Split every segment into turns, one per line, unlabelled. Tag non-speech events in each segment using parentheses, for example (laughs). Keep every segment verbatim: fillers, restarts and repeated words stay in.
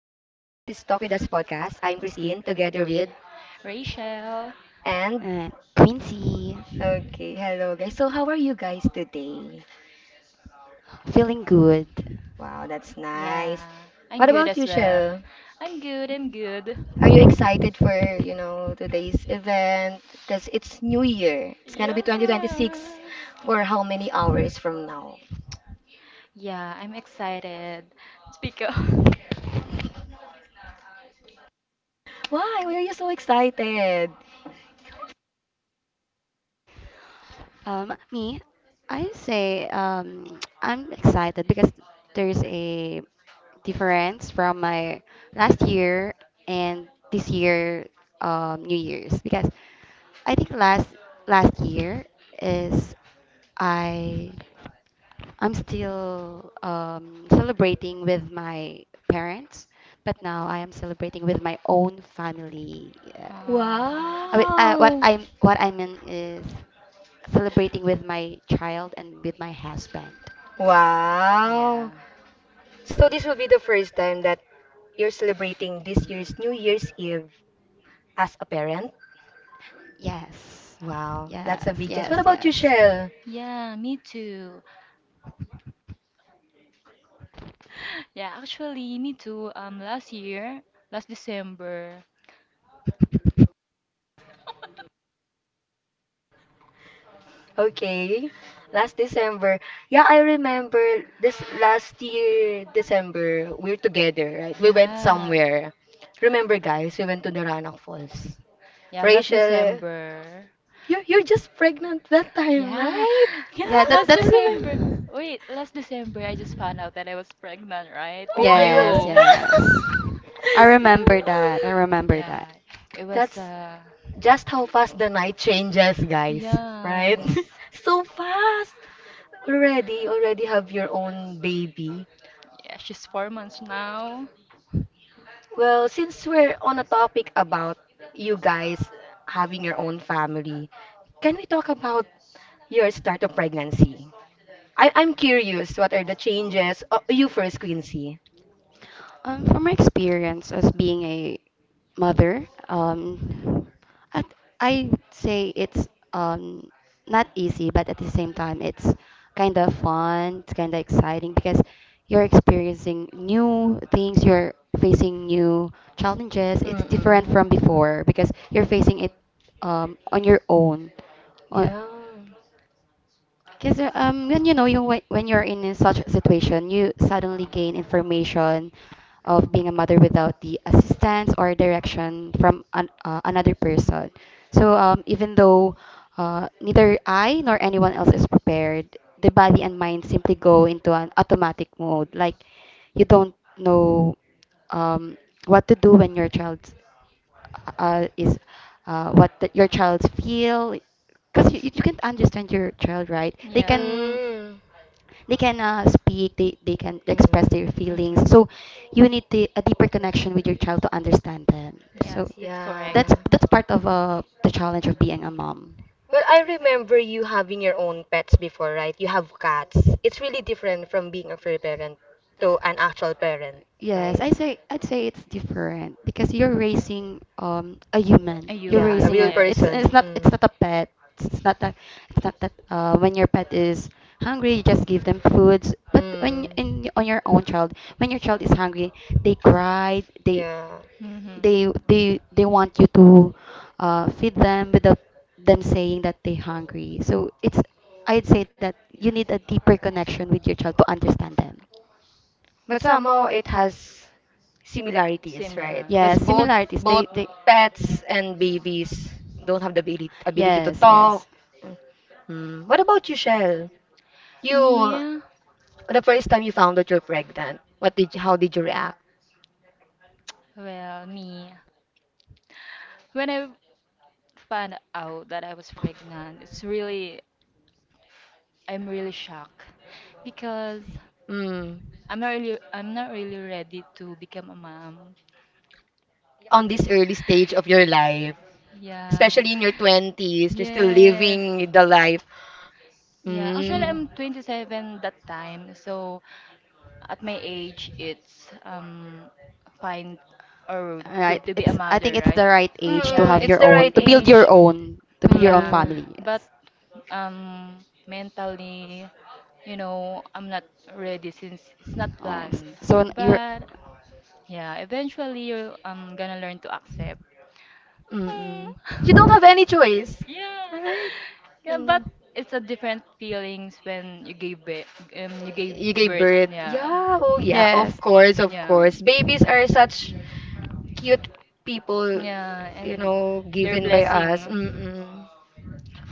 Talk With Us podcast. I'm Christine together with
Rachel.
and
and Quincy,
okay, hello guys. So, how are you guys today?
feeling good.
Wow, that's nice.
Yeah, I'm
What
good
about
as
you,
well.
Shell?
I'm good, I'm good.
Are you excited for, you know, today's event? Because it's New Year. It's gonna be
Yes.
twenty twenty-six for how many hours from now?
Yeah, I'm excited. Speak up. (laughs)
Why? Why are you so excited?
Um, me, I say um, (tsk) I'm excited because there's a difference from my last year and this year um, New Year's because I think last last year is I I'm still um, celebrating with my parents, but now I am celebrating with my own family. Uh,
Uh,
I mean, uh, what
Wow.
I'm what I mean is celebrating with my child and with my husband.
yeah.
Wow. So this will be the first time that you're celebrating this year's New Year's Eve as a parent?
Yes.
Wow,
Yeah.
Yes,
that's a big change. What
yes,
about you,
yes.
Shell?
Yeah, me too. (laughs) Yeah, actually, me too. Um, last year, last December.
Okay, last December. Yeah, I remember this last year, December, we're together, right? We went
Yeah.
somewhere. Remember, guys, we went to the Roanoke Falls.
Yeah, last
Rachel,
December.
you're, you're just pregnant that time,
Yeah,
right?
Yeah, that
Yes,
last
I
that's
remember.
December. Wait, last December I just found out that I was pregnant, right? With
Oh
yes,
you.
yes.
(laughs)
my god.
I
(laughs) yeah.
remember that. I remember that.
Yeah, it was
That's
uh
just how fast the night changes, guys. Right?
yes.
(laughs) So fast! Already, you already have your own baby.
Yeah, she's four months now.
Well, since we're on a topic about you guys having your own family, can we talk about your start of pregnancy? I I'm curious, what are the changes? Oh, you first, Quincy.
Um, from my experience as being a mother. Um, I I'd say it's um not easy, but at the same time, it's kind of fun. It's kind of exciting because you're experiencing new things. You're facing new challenges. It's different
Mm-mm.
from before because you're facing it um on your own on,
Yeah.
because um, when you know you when, when you're in, in such a situation, you suddenly gain information of being a mother without the assistance or direction from an, uh, another person. So um, even though uh, neither I nor anyone else is prepared, the body and mind simply go into an automatic mode. Like you don't know um, what to do when your child uh, is uh, what the, your child's feel, because you, you can't understand your child, right? they can
Yeah.
Mm.
Mm.
they can uh, speak. They, they can express
Mm-mm.
their
Mm-hmm.
feelings, so you need the, a deeper connection with your child to understand them. So
Yes, that's
Yeah.
that's
correct.
that's part of uh, the challenge of being a mom.
Well, I remember you having your own pets before, right? You have cats. It's really different from being a free parent to an actual parent,
Yes,
right?
I say I'd say it's different because you're raising um a human.
A
You're
Yeah, a
raising
human,
real
a it's
yes.
it's
person.
not it's
Mm.
not a pet. It's not that it's not that uh when your pet is hungry, you just give them foods. But when in
Mm.
on your own child, when your child is hungry, they cry, they
Yeah.
Mm-hmm.
they they they want you to uh feed them without them saying that they're hungry. So it's I'd say that you need a deeper connection with your child to understand them.
But somehow it has similarities, right?
Similar.
Yeah,
Because both
similarities. They
both
they
pets and babies don't have the ability, ability to
Yes, yes.
talk. Mm. What about you, Shell? You,
Me,
the first time you found out you're pregnant, what did you, how did you react?
well, me. When I found out that I was pregnant, it's really, I'm really shocked because
Mm.
I'm not really, I'm not really ready to become a mom.
On this early stage of your life,
Yeah.
especially in your twenties, you're still
Yes.
living the life.
Yeah, actually
Mm.
I'm twenty-seven that time, so at my age, it's um, fine or
All right.
good to be a
It's I think
mother,
it's
right?
the right age to
Mm-mm,
have
Yeah, it's
it's
your
the
the right
own,
right
to build
age.
your
age.
own, to build your own
Yeah,
Mm-mm,
family.
but
Yes.
um, mentally, you know, I'm not ready since it's not
Oh, s-
planned.
so n- you're,
But yeah, eventually you're um, gonna learn to accept. Mm.
mm-mm. You don't have
(laughs)
any choice,
(laughs) Yeah.
right?
Yeah, but
Mm.
it's a different feelings when you gave birth. Um, you gave
You gave
birth.
birth.
Yeah.
Yeah, oh yeah, of
yes.
course, of
Yeah.
course. Babies are such cute people,
Yeah,
you
and
know,
their
given by us.
blessing.
Mm-mm.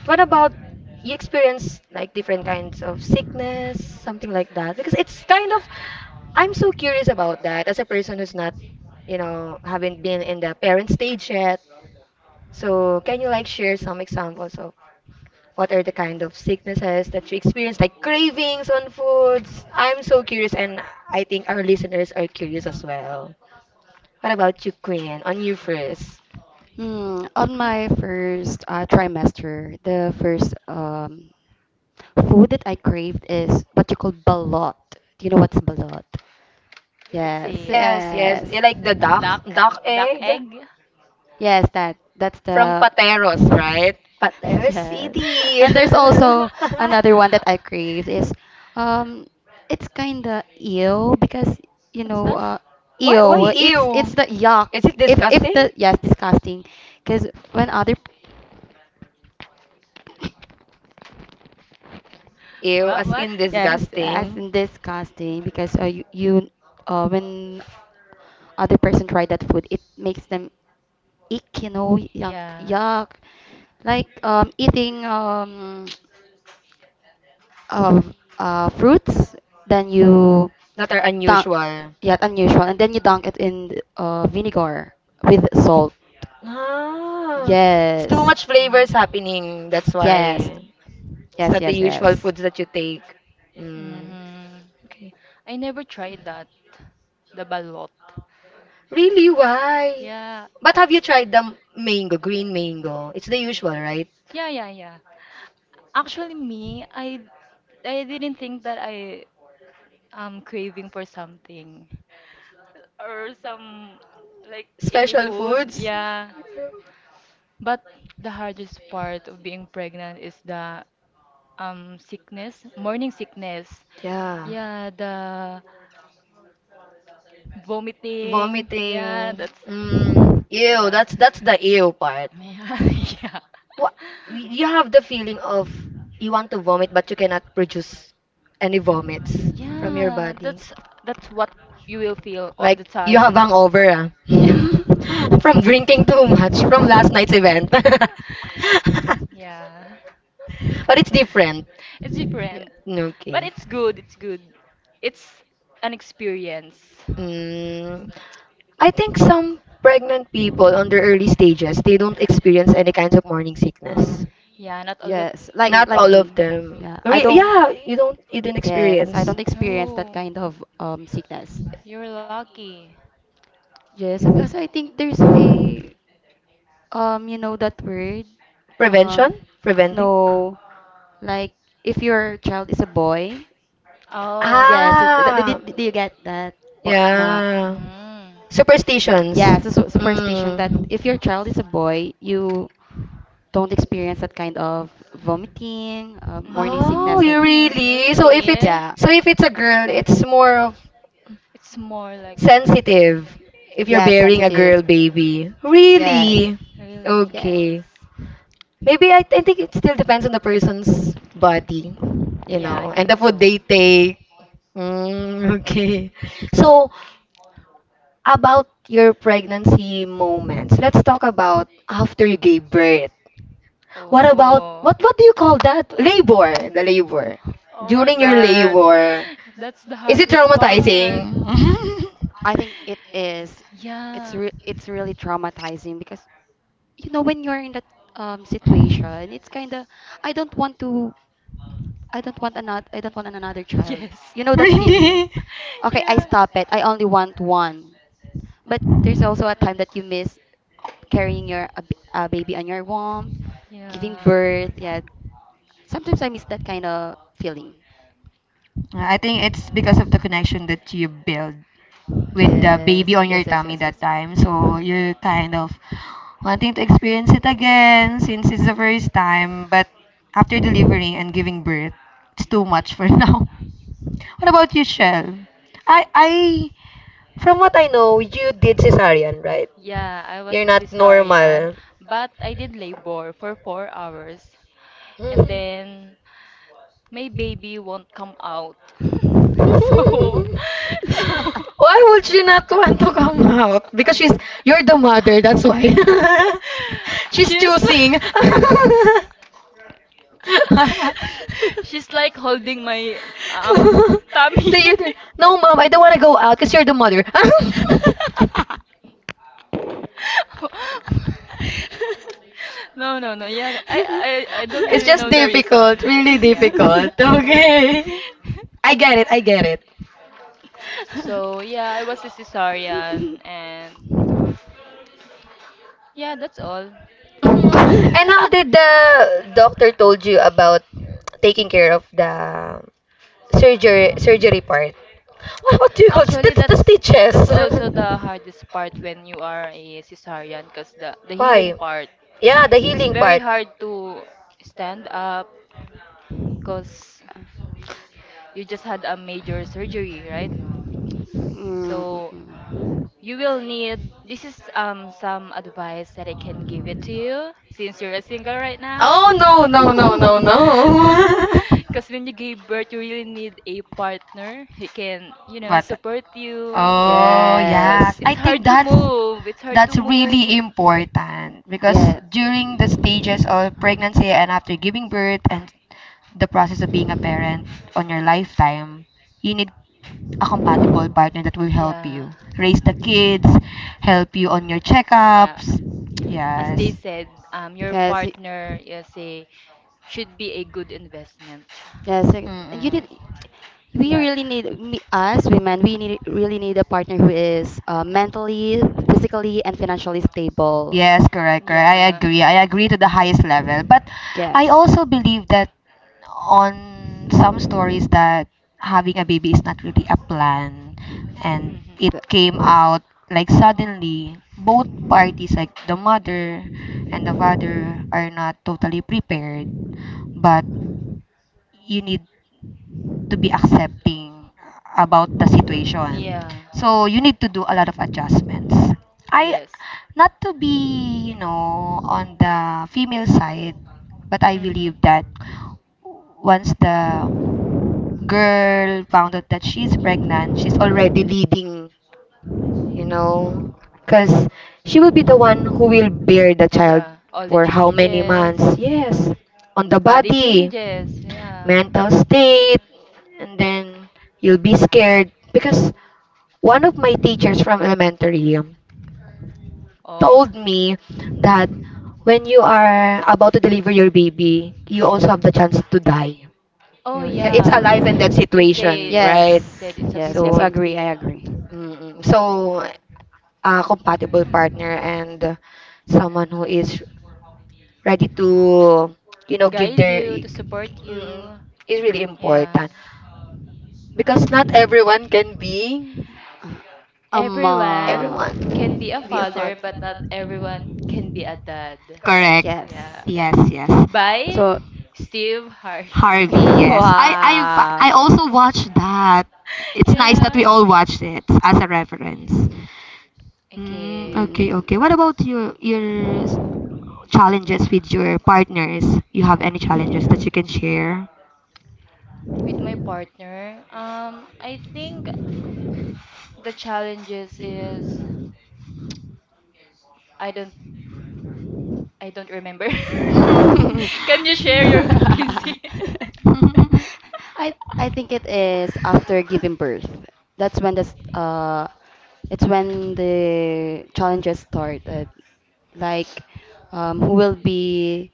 What about you experience like different kinds of sickness, something like that? Because it's kind of I'm so curious about that as a person who's not, you know, haven't been in the parent stage yet. So can you like share some examples of what are the kind of sicknesses that you experience, like cravings on foods? I'm so curious, and I think our listeners are curious as well. What about you, Queen? On you first.
Hmm, on my first uh, trimester, the first um, food that I craved is what you call balot. Do you know what's balot?
It's
Yes,
a
Yes, yes.
yes.
You like the duck, duck
duck,
egg.
egg. (laughs) egg.
Yes, that that's
From
the
Pateros,
(laughs)
right? Pateros
yes.
City.
And there's also another one
(laughs)
that I crave. Is um it's kind of ew because you
What's
know
that?
uh
why why
ew, it's it's
ew?
the yuck.
Is it
if if
disgusting?
the yes, disgusting because when other.
Ew,
Yeah,
as
what?
in
What?
Yes, as
disgusting.
in disgusting because uh, you, you uh, when other person try that food, it makes them ick, you know, yuck,
Yeah.
yuck. Like um, eating um, of uh, fruits. Then you
That are
dunk,
unusual.
yeah, unusual, and then you dunk it in uh, vinegar with salt.
Ah, it's too
Yes,
much flavors
Mm.
happening. That's
yes,
why it's
yes,
not the
yes, yes.
usual foods that you
Ye-
take. Mm,
Mhm.
okay.
I never tried that. The balot.
Really, why?
Yeah.
But have you tried the m- mango, green mango? It's the usual, right?
Yeah, yeah, yeah. Actually, me, I I didn't think that I am craving for something or some like any
Special
food.
foods.
Yeah. But the hardest part of being pregnant is the um sickness, morning sickness.
Yeah.
Yeah, the vomiting. Yeah,
Vomiting.
that's
Mm, ew,
yeah.
that's that's the ew part.
(laughs) Yeah, yeah.
What you have the feeling of you want to vomit but you cannot produce any vomits from your
Yeah,
body.
that's that's what you will feel all
Like
the
you have
time.
hangover
(laughs)
ah.
Yeah.
(laughs) From drinking too much from last night's
(laughs)
event. (laughs) But
Yeah.
it's different.
It's different, but
Okay.
it's good. It's good. It's an experience.
Mm, I think some pregnant people on their early stages, they don't experience any kinds of morning sickness.
Yeah, not all the
yes, like
Not
like
all
people.
of
me.
them.
Yeah, I
Re-
don't.
yeah, you don't you didn't
Yes, I
experience
don't experience that
Oh,
kind of um sickness.
you're lucky.
Yes, so I think there's a um you know that word um
prevention, preventing.
No, like if your child is a boy,
Oh.
yes, it, th- th- did,
Ah,
did you get that? Po- na
yeah.
Mm.
Superstitions.
yeah, it's a su- superstition
Mm.
that if your child is a boy, you don't experience that kind of vomiting, uh, morning
Oh,
sickness, like.
you
Mm.
really? So if it's
Really?
Yeah,
so if it's a girl, it's more of
It's more like
sensitive. If you're
yeah,
bearing a girl
sensitive,
baby,
yes,
really?
really.
yes.
Okay. Maybe I, I think it still depends on the person's body, you
Yeah, I
know, and
think
the food
so.
they take. Mm, (laughs) okay. So about your pregnancy moments. Let's talk about after you gave birth. What about
Oh.
what what do you call that? Labor, the labor.
Oh my
During your
god.
labor,
That's the
is it
hardest part.
traumatizing?
I think it is. It's
Yeah.
re- it's really traumatizing because you know when you're in that um situation, it's kind of I don't want to I don't want another I don't want another child.
Yes.
You know that
(laughs)
feeling?
(laughs) Really?
Really? Okay, I
Yeah.
stop it. I only want one. But there's also a time that you miss carrying your a, b- a baby on your womb, giving
Yeah.
birth. Yeah. Sometimes I miss that kind of feeling.
I think it's because of the connection that you build with the
Yes.
baby on
Yes,
your
yes,
tummy
yes,
that
yes.
time. So you're kind of wanting to experience it again since it's the first time, but after delivering and giving birth, it's too much for (laughs) now. What about you, Shell? I I from what I know, you did cesarean, right?
Yeah, I was
You're
a
not
cesarean,
normal.
but I did labor for four hours. And
Mhm.
then my baby won't come out. (laughs) So,
(laughs)
so
Why would she not want to come out? Because she's you're the mother, that's why. (laughs)
(laughs)
She's
she's (laughs)
choosing. (laughs)
(laughs)
(laughs)
she's like holding my
(laughs)
um tummy.
The youth,
(laughs)
no, mom, I don't want to go out because you're the mother. (laughs)
No, no, no. Yeah, I, I, I don't
It's
really
just
know the
difficult,
reason.
really
Yeah.
difficult. (laughs)
(laughs)
Okay, I get it, I get it.
So yeah, I was a cesarean, and yeah, that's all.
Mhm. And how did the
(laughs)
doctor told you about taking care of the surgery surgery part? What, what do you call it? The,
Actually,
the
that's
stitches?
that's
(laughs)
also the hardest part when you are a cesarean, cause the the
Why?
healing part.
Yeah, the
It's
healing
very
part.
hard to stand up, cause you just had a major surgery, right?
Mm,
So
mm.
you will need this is um some advice that I can give it to you since you're a single right now.
Oh no no no no
(laughs) (laughs)
no. (laughs)
Because (laughs) when you give birth, you really need a partner who can you know,
But
support you.
oh
yeah,
Because
yes,
yes.
it's
I think
hard to
that's
move. It's hard to
that's
move.
really important because
Yeah.
during the stages of pregnancy and after giving birth and the process of being a parent on your lifetime, you need a compatible partner that will help
Yeah.
you raise the kids, help you on your
Yeah.
checkups.
As they
Yes.
said, um, your
Yes. y-
partner is a should be a good investment.
Yes. y- You need.
Mm-mm.
We
Yeah.
really need me, us women. We need really need a partner who is uh, mentally, physically, and financially stable.
Yes, correct, correct. I
Yeah.
agree. I agree to the highest level. But I
Yes.
also believe that on some stories that having a baby is not really a plan and
Mhm.
it
That's.
came out like suddenly both parties like the mother and the father are not totally prepared but you need to be accepting about the situation.
Yeah.
So you need to do a lot of adjustments. I
Yes.
not to be, you know, on the female side, but I believe
Mhm.
that once the girl found out that she's pregnant, she's already leading, you know, because she will be the one who will bear the child
Yeah. All the
for how many months?
changes.
Yes, on the
Body
body
changes. Yeah.
mental state, and then you'll be scared. Because one of my teachers from elementary um,
Oh.
told me that when you are about to deliver your baby, you also have the chance to die. You
Oh
know, yeah, it's a
yeah.
life and death
They say
situation,
yeah,
right?
they
Yes,
said it's a
yes, yes,
So,
agree,
fifty fifty.
I agree.
mm, so a compatible partner and uh, someone who is ready to, you know, give
Guide
their
you to support
mm,
you.
is really
Yeah.
important because not everyone can be
Uh, Um,
Everyone
everyone
uh,
can be a
be a father.
father, but not everyone can be a dad.
Correct.
yes.
Yeah.
Yes, yes.
By
So,
Steve Harvey.
Harvey,
(laughs)
yes. I I
(laughs)
wow.
I also watched that. It's nice that
Yeah.
we all watched it as a reference. Mm,
Okay.
okay, okay. What about your your s-
Mm. (laughs)
challenges with your partners? You have any challenges that you can share?
With my partner, um, I think the challenges is I don't I don't remember.
(laughs) Can
(laughs) Can you
you
share
share
your
your
(laughs) vacancy?
I I think it is after giving
(laughs)
birth. That's when the s- uh, it's when the challenges started. Like um, who will be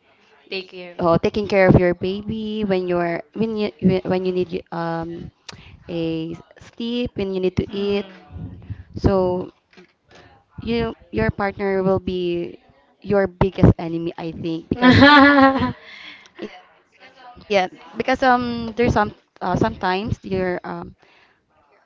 Take care.
uh,
You.
taking care of your baby when you're when you when you need um, a sleep, when you need to eat.
Mhm.
So you your partner will be your biggest enemy, I think, because
(laughs) Yeah.
(laughs)
yeah, because um there's some, uh, sometimes your um your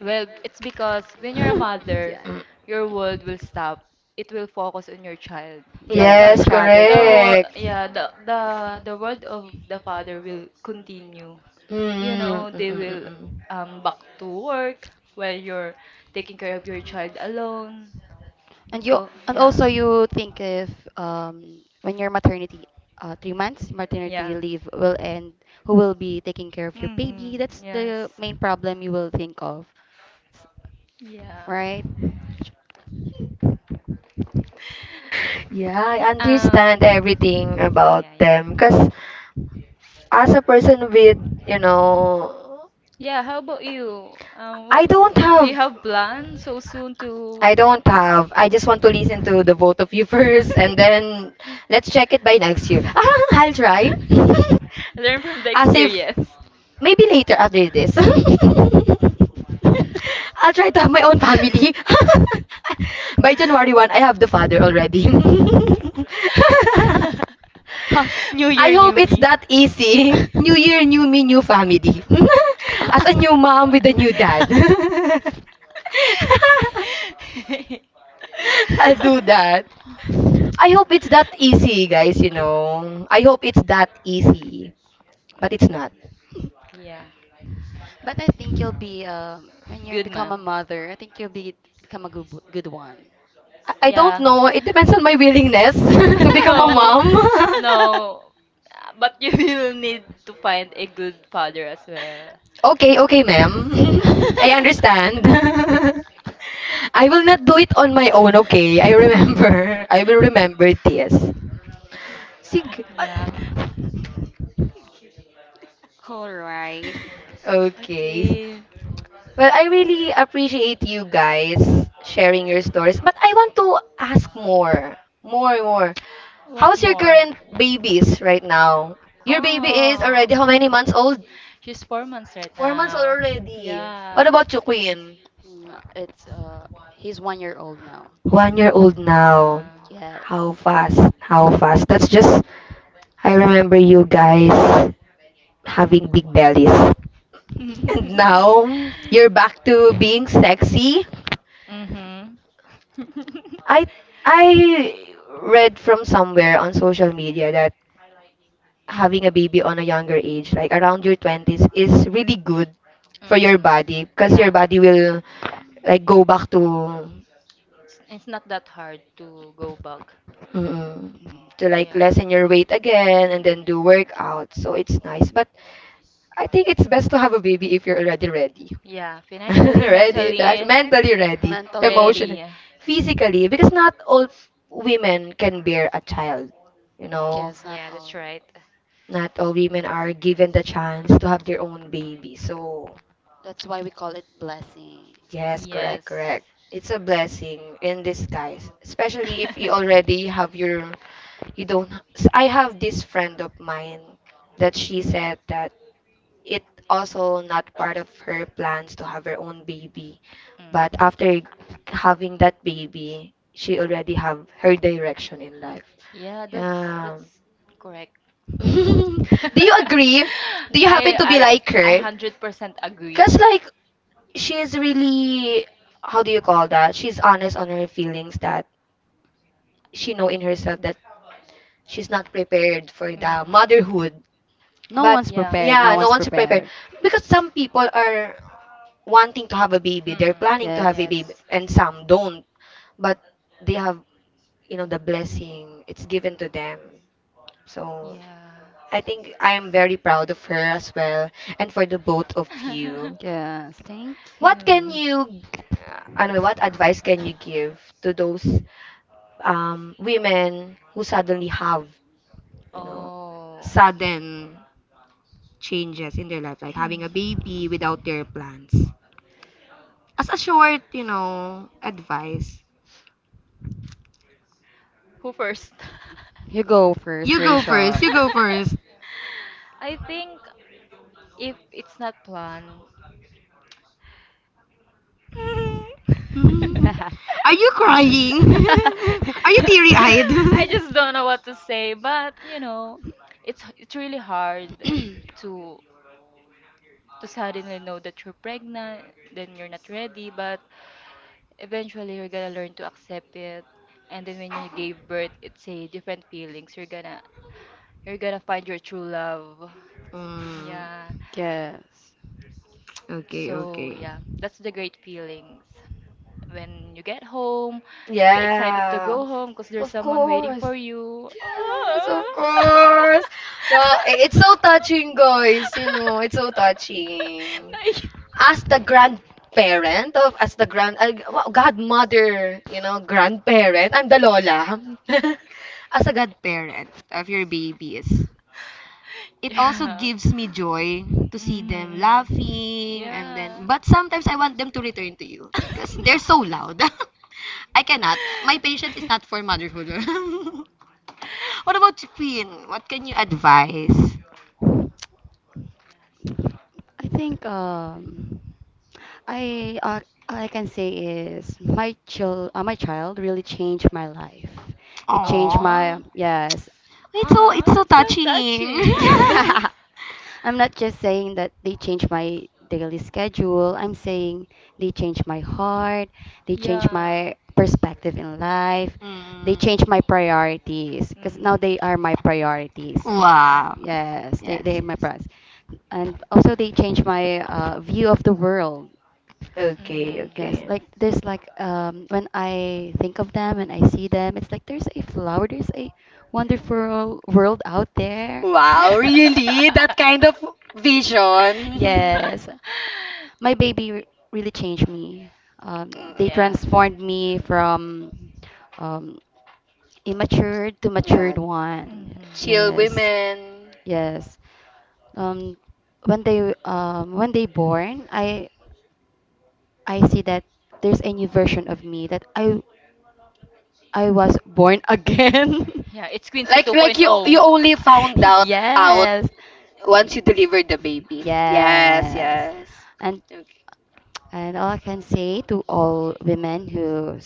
Well, it's because when you're a
(laughs) yeah,
mother,
cookies? (laughs)
your world will stop. It will focus on your child. But
yes,
the
your
Yes,
child your
the
child.
world,
correct.
yeah, the the the world of the father will continue.
Mm,
You
mm,
know, they
mm, mm,
will
mm.
um back to work while you're taking care of your child alone.
And you
Go,
and
yeah.
also you think if um when your maternity uh three months maternity
Yeah.
leave will end, who will be taking care of your
Mm,
baby? That's
yes.
the main problem you will think of, s-
Yeah.
right?
Yeah, I understand
Um.
everything about
Yeah,
them.
yeah.
Cause as a person with, you know,
Yeah. How about you? Um.
I
What
don't
do you
have,
have plans so soon to?
I don't have. I just want to listen
(laughs)
to the both of you (laughs) first, and then let's check it by next year. (laughs) Ah, I'll try. (laughs)
Learn from the
As if
experience.
maybe later after this. (laughs)
(laughs)
I'll try to have my own family. (laughs) By January first, I have the father already. (laughs)
Ha, new
I
year,
hope
new
it's
me.
that
(laughs)
easy. New year, new me, new family. (laughs) As a new mom with a new dad. (laughs)
(laughs)
(laughs)
I'll
(laughs)
do that. I hope it's that easy, guys, you know. I hope it's that easy. But it's not.
Yeah.
But I think you'll be um when you
Good
become
ma'am.
a mother, I think you'll be become a good good one. (laughs)
I I don't
Yeah.
know. It depends
(laughs)
on my willingness (laughs) to become a
No.
Become
mom.
(laughs)
(laughs)
No. But you will need to find a good father as well.
Okay, okay, ma'am. (laughs) I understand. (laughs) I will not do
(laughs)
it on my own, okay? I
(laughs)
remember. (laughs) I will remember this. Sig.
Yeah.
Ay-
All right.
Okay.
Okay.
Well, I really appreciate you guys sharing your stories, but I want to ask more. More, more.
What
How's your
more?
current babies right now? Your baby is
Oh.
already how many months old?
She's four months right
Four months old
now.
already. What
Yeah.
about you, Queen?
Mm, It's uh he's one year old now.
One year old now.
Yeah.
Yes.
How fast? How fast? That's just, I remember you guys having big bellies. And
Now
now
(laughs) you're
you're
back
back
to
to
being
being
sexy.
sexy.
Mm-hmm. (laughs) For your
I I read from somewhere on social media that having a baby on a younger age, like around your twenties, is really good for your
Mm. body,
body
because your
because your
Yeah.
body
body will
will like go back to
It's, it's not that hard to go back.
mm,
Mm.
To
to
like
like
Yeah.
lessen
lessen your
your weight
weight again,
again
and
and
then
then
Mm-mm. you
do
work.
workout.
So
So
it's
it's
nice,
nice. But
but
I think it's best to have a baby if you're already ready.
Yeah,
(laughs)
financially, you're ready, right?
Ready,
mentally
(laughs)
financially, mentally
Mentally
ready,
ready. (laughs)
Mentally.
emotionally,
Ready.
physically. Because not all women can bear a child. You
Mm,
know,
Yes, not
yeah, that's
all.
right.
not all women are given the chance to have their own baby. So,
That's why we call it blessing.
yes, correct,
Yes.
correct. It's a blessing in disguise, especially if you
(laughs)
already have your, you don't. I have this friend of mine that she said that it also not part of her plans to have her own baby. But
Mm.
after having that baby, she already have her direction in life.
Yeah, that's
Yeah.
that's correct.
(laughs)
(laughs)
Do you agree? Do you happen
I
to be
I
like
I
her?
hundred percent agree.
Cause like she's really how do you call that? She's honest on her feelings that she know in herself that she's not prepared for the
Mhm.
motherhood.
No
But
one's
Yeah.
prepared. No
yeah, no
one's
one's prepared
prepared.
because some people are wanting to have a baby,
Mm-mm.
they're planning to have
Yes.
a baby,
Yes.
and some don't. But they have, you know, the blessing. It's given to them. So
Yeah.
I think I am very proud of her as well, and for the both of
(laughs)
you.
Yes, thank
What can
you.
you, ano, what advice can you give to those um, women who suddenly have, you know,
Oh.
sudden changes in their life, like having a
(clears throat)
baby without their plans? As a short, you know, advice.
Who first? (laughs)
You go first,
You go first.
Rachel.
You
(laughs)
go first.
I think if it's not planned.
Mhm.
(laughs)
Are you crying? (laughs) Are you
(laughs)
teary-eyed?
(laughs) I just don't know what to
(laughs)
say, but you know, it's it's really hard to to suddenly know that you're pregnant, then you're not ready, but eventually you're gonna learn to accept it. And then when you gave birth, it's a different feelings. You're gonna you're gonna find your true love.
Mm,
Yeah.
Yes.
okay,
So
okay.
yeah, that's the great feelings. When you get home, you're excited to
Yeah.
go home because there's
Of
someone waiting
course.
for you.
Yes, of
Ah.
course.
(laughs)
Yeah, i- it's so touching, guys. You know, it's so touching.
Like-
As the grandparent of as the grand ay, wow, godmother, you know, grandparent, I'm the lola. (laughs) As a godparent of your babies. It also
yeah.
gives me joy to see them
Mhm.
laughing and
Yeah.
then but
(laughs)
sometimes I want them to return to you because they're so loud. (laughs) I cannot. My patience is not for motherhood. (laughs) What about you, Queen? What can you advise?
I think um I uh, all I can say is my child uh, my child really changed my life. It changed
Oh,
my,
Aw.
yes.
it's so
Aw,
it's so
that's so
(laughs)
touching.
touching.
(laughs)
I'm not just saying that they changed my daily schedule. I'm saying they changed my heart.
(laughs)
They changed
Yeah.
my perspective in life. They
Mm.
changed my priorities because now they
Mm-hmm.
are my priorities.
Wow.
Yes, they
Yes,
they are my
yes.
priorities, and also they changed my uh, view of the world.
Okay,
Mm-hmm.
Yes,
okay.
like, there's like, um when I think of them and I see them, it's like there's a flower, there's a wonderful world out there.
Wow,
(laughs)
really? That kind of vision. (laughs)
Yes, my baby re- really changed me. Um, they
Yeah.
transformed me
Mm.
from um, immature to
Yeah,
matured one.
Mhm.
chill
Yes,
women.
yes. Um, when they um, when they born, I I see that there's a new version of me that I I was born again.
Yeah, it's Quincy
Like like you
2.0.
you only
(laughs)
found out out
yes. Ye-
once you delivered the baby. Yes,
Yes.
yes.
And
Okay.
and all I can say to all women, who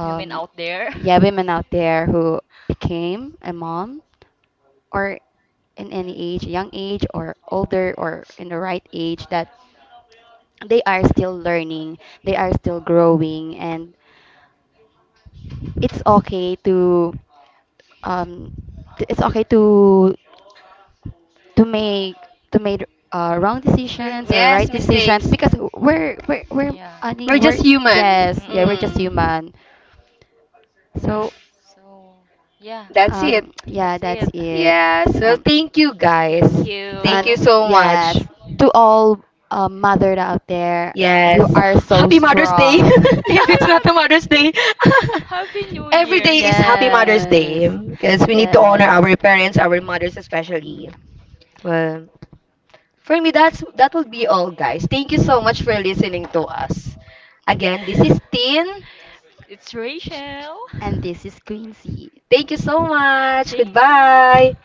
Women out there.
yeah, women
(laughs)
out there who became a mom, or in any age, young age or older or in the right age, that they are still learning, they are still growing, and it's okay to um t- it's okay to to make to make uh, wrong decisions or right
Yes,
decisions,
mistakes.
because we're we're we're,
Yeah.
I mean,
We're
we're,
just human.
yes, yeah, we're just
Mm-mm.
Mm.
human. So
So, yeah,
That's it.
um yeah,
that's
that's
it.
it.
Yes. Well,
So,
thank you guys.
Thank
Thank
and
you
you.
so
yes,
much.
to all uh, mother out there,
Yes.
you are so
Happy Mother's Day. (laughs)
strong. (laughs)
If
Happy
it's not a
Mother.
Mother's Day. (laughs)
(laughs) Happy New
Every
Year.
day is Happy Mother's
Yes,
Day because we need to honor
yes,
our parents, our mothers especially. Well, for me that's that will be all guys. Thank you so much for listening to us. Again, this is Tin.
It's Rachel. (laughs)
and this is Quincy
Thank you so much.
Thank you.
Goodbye.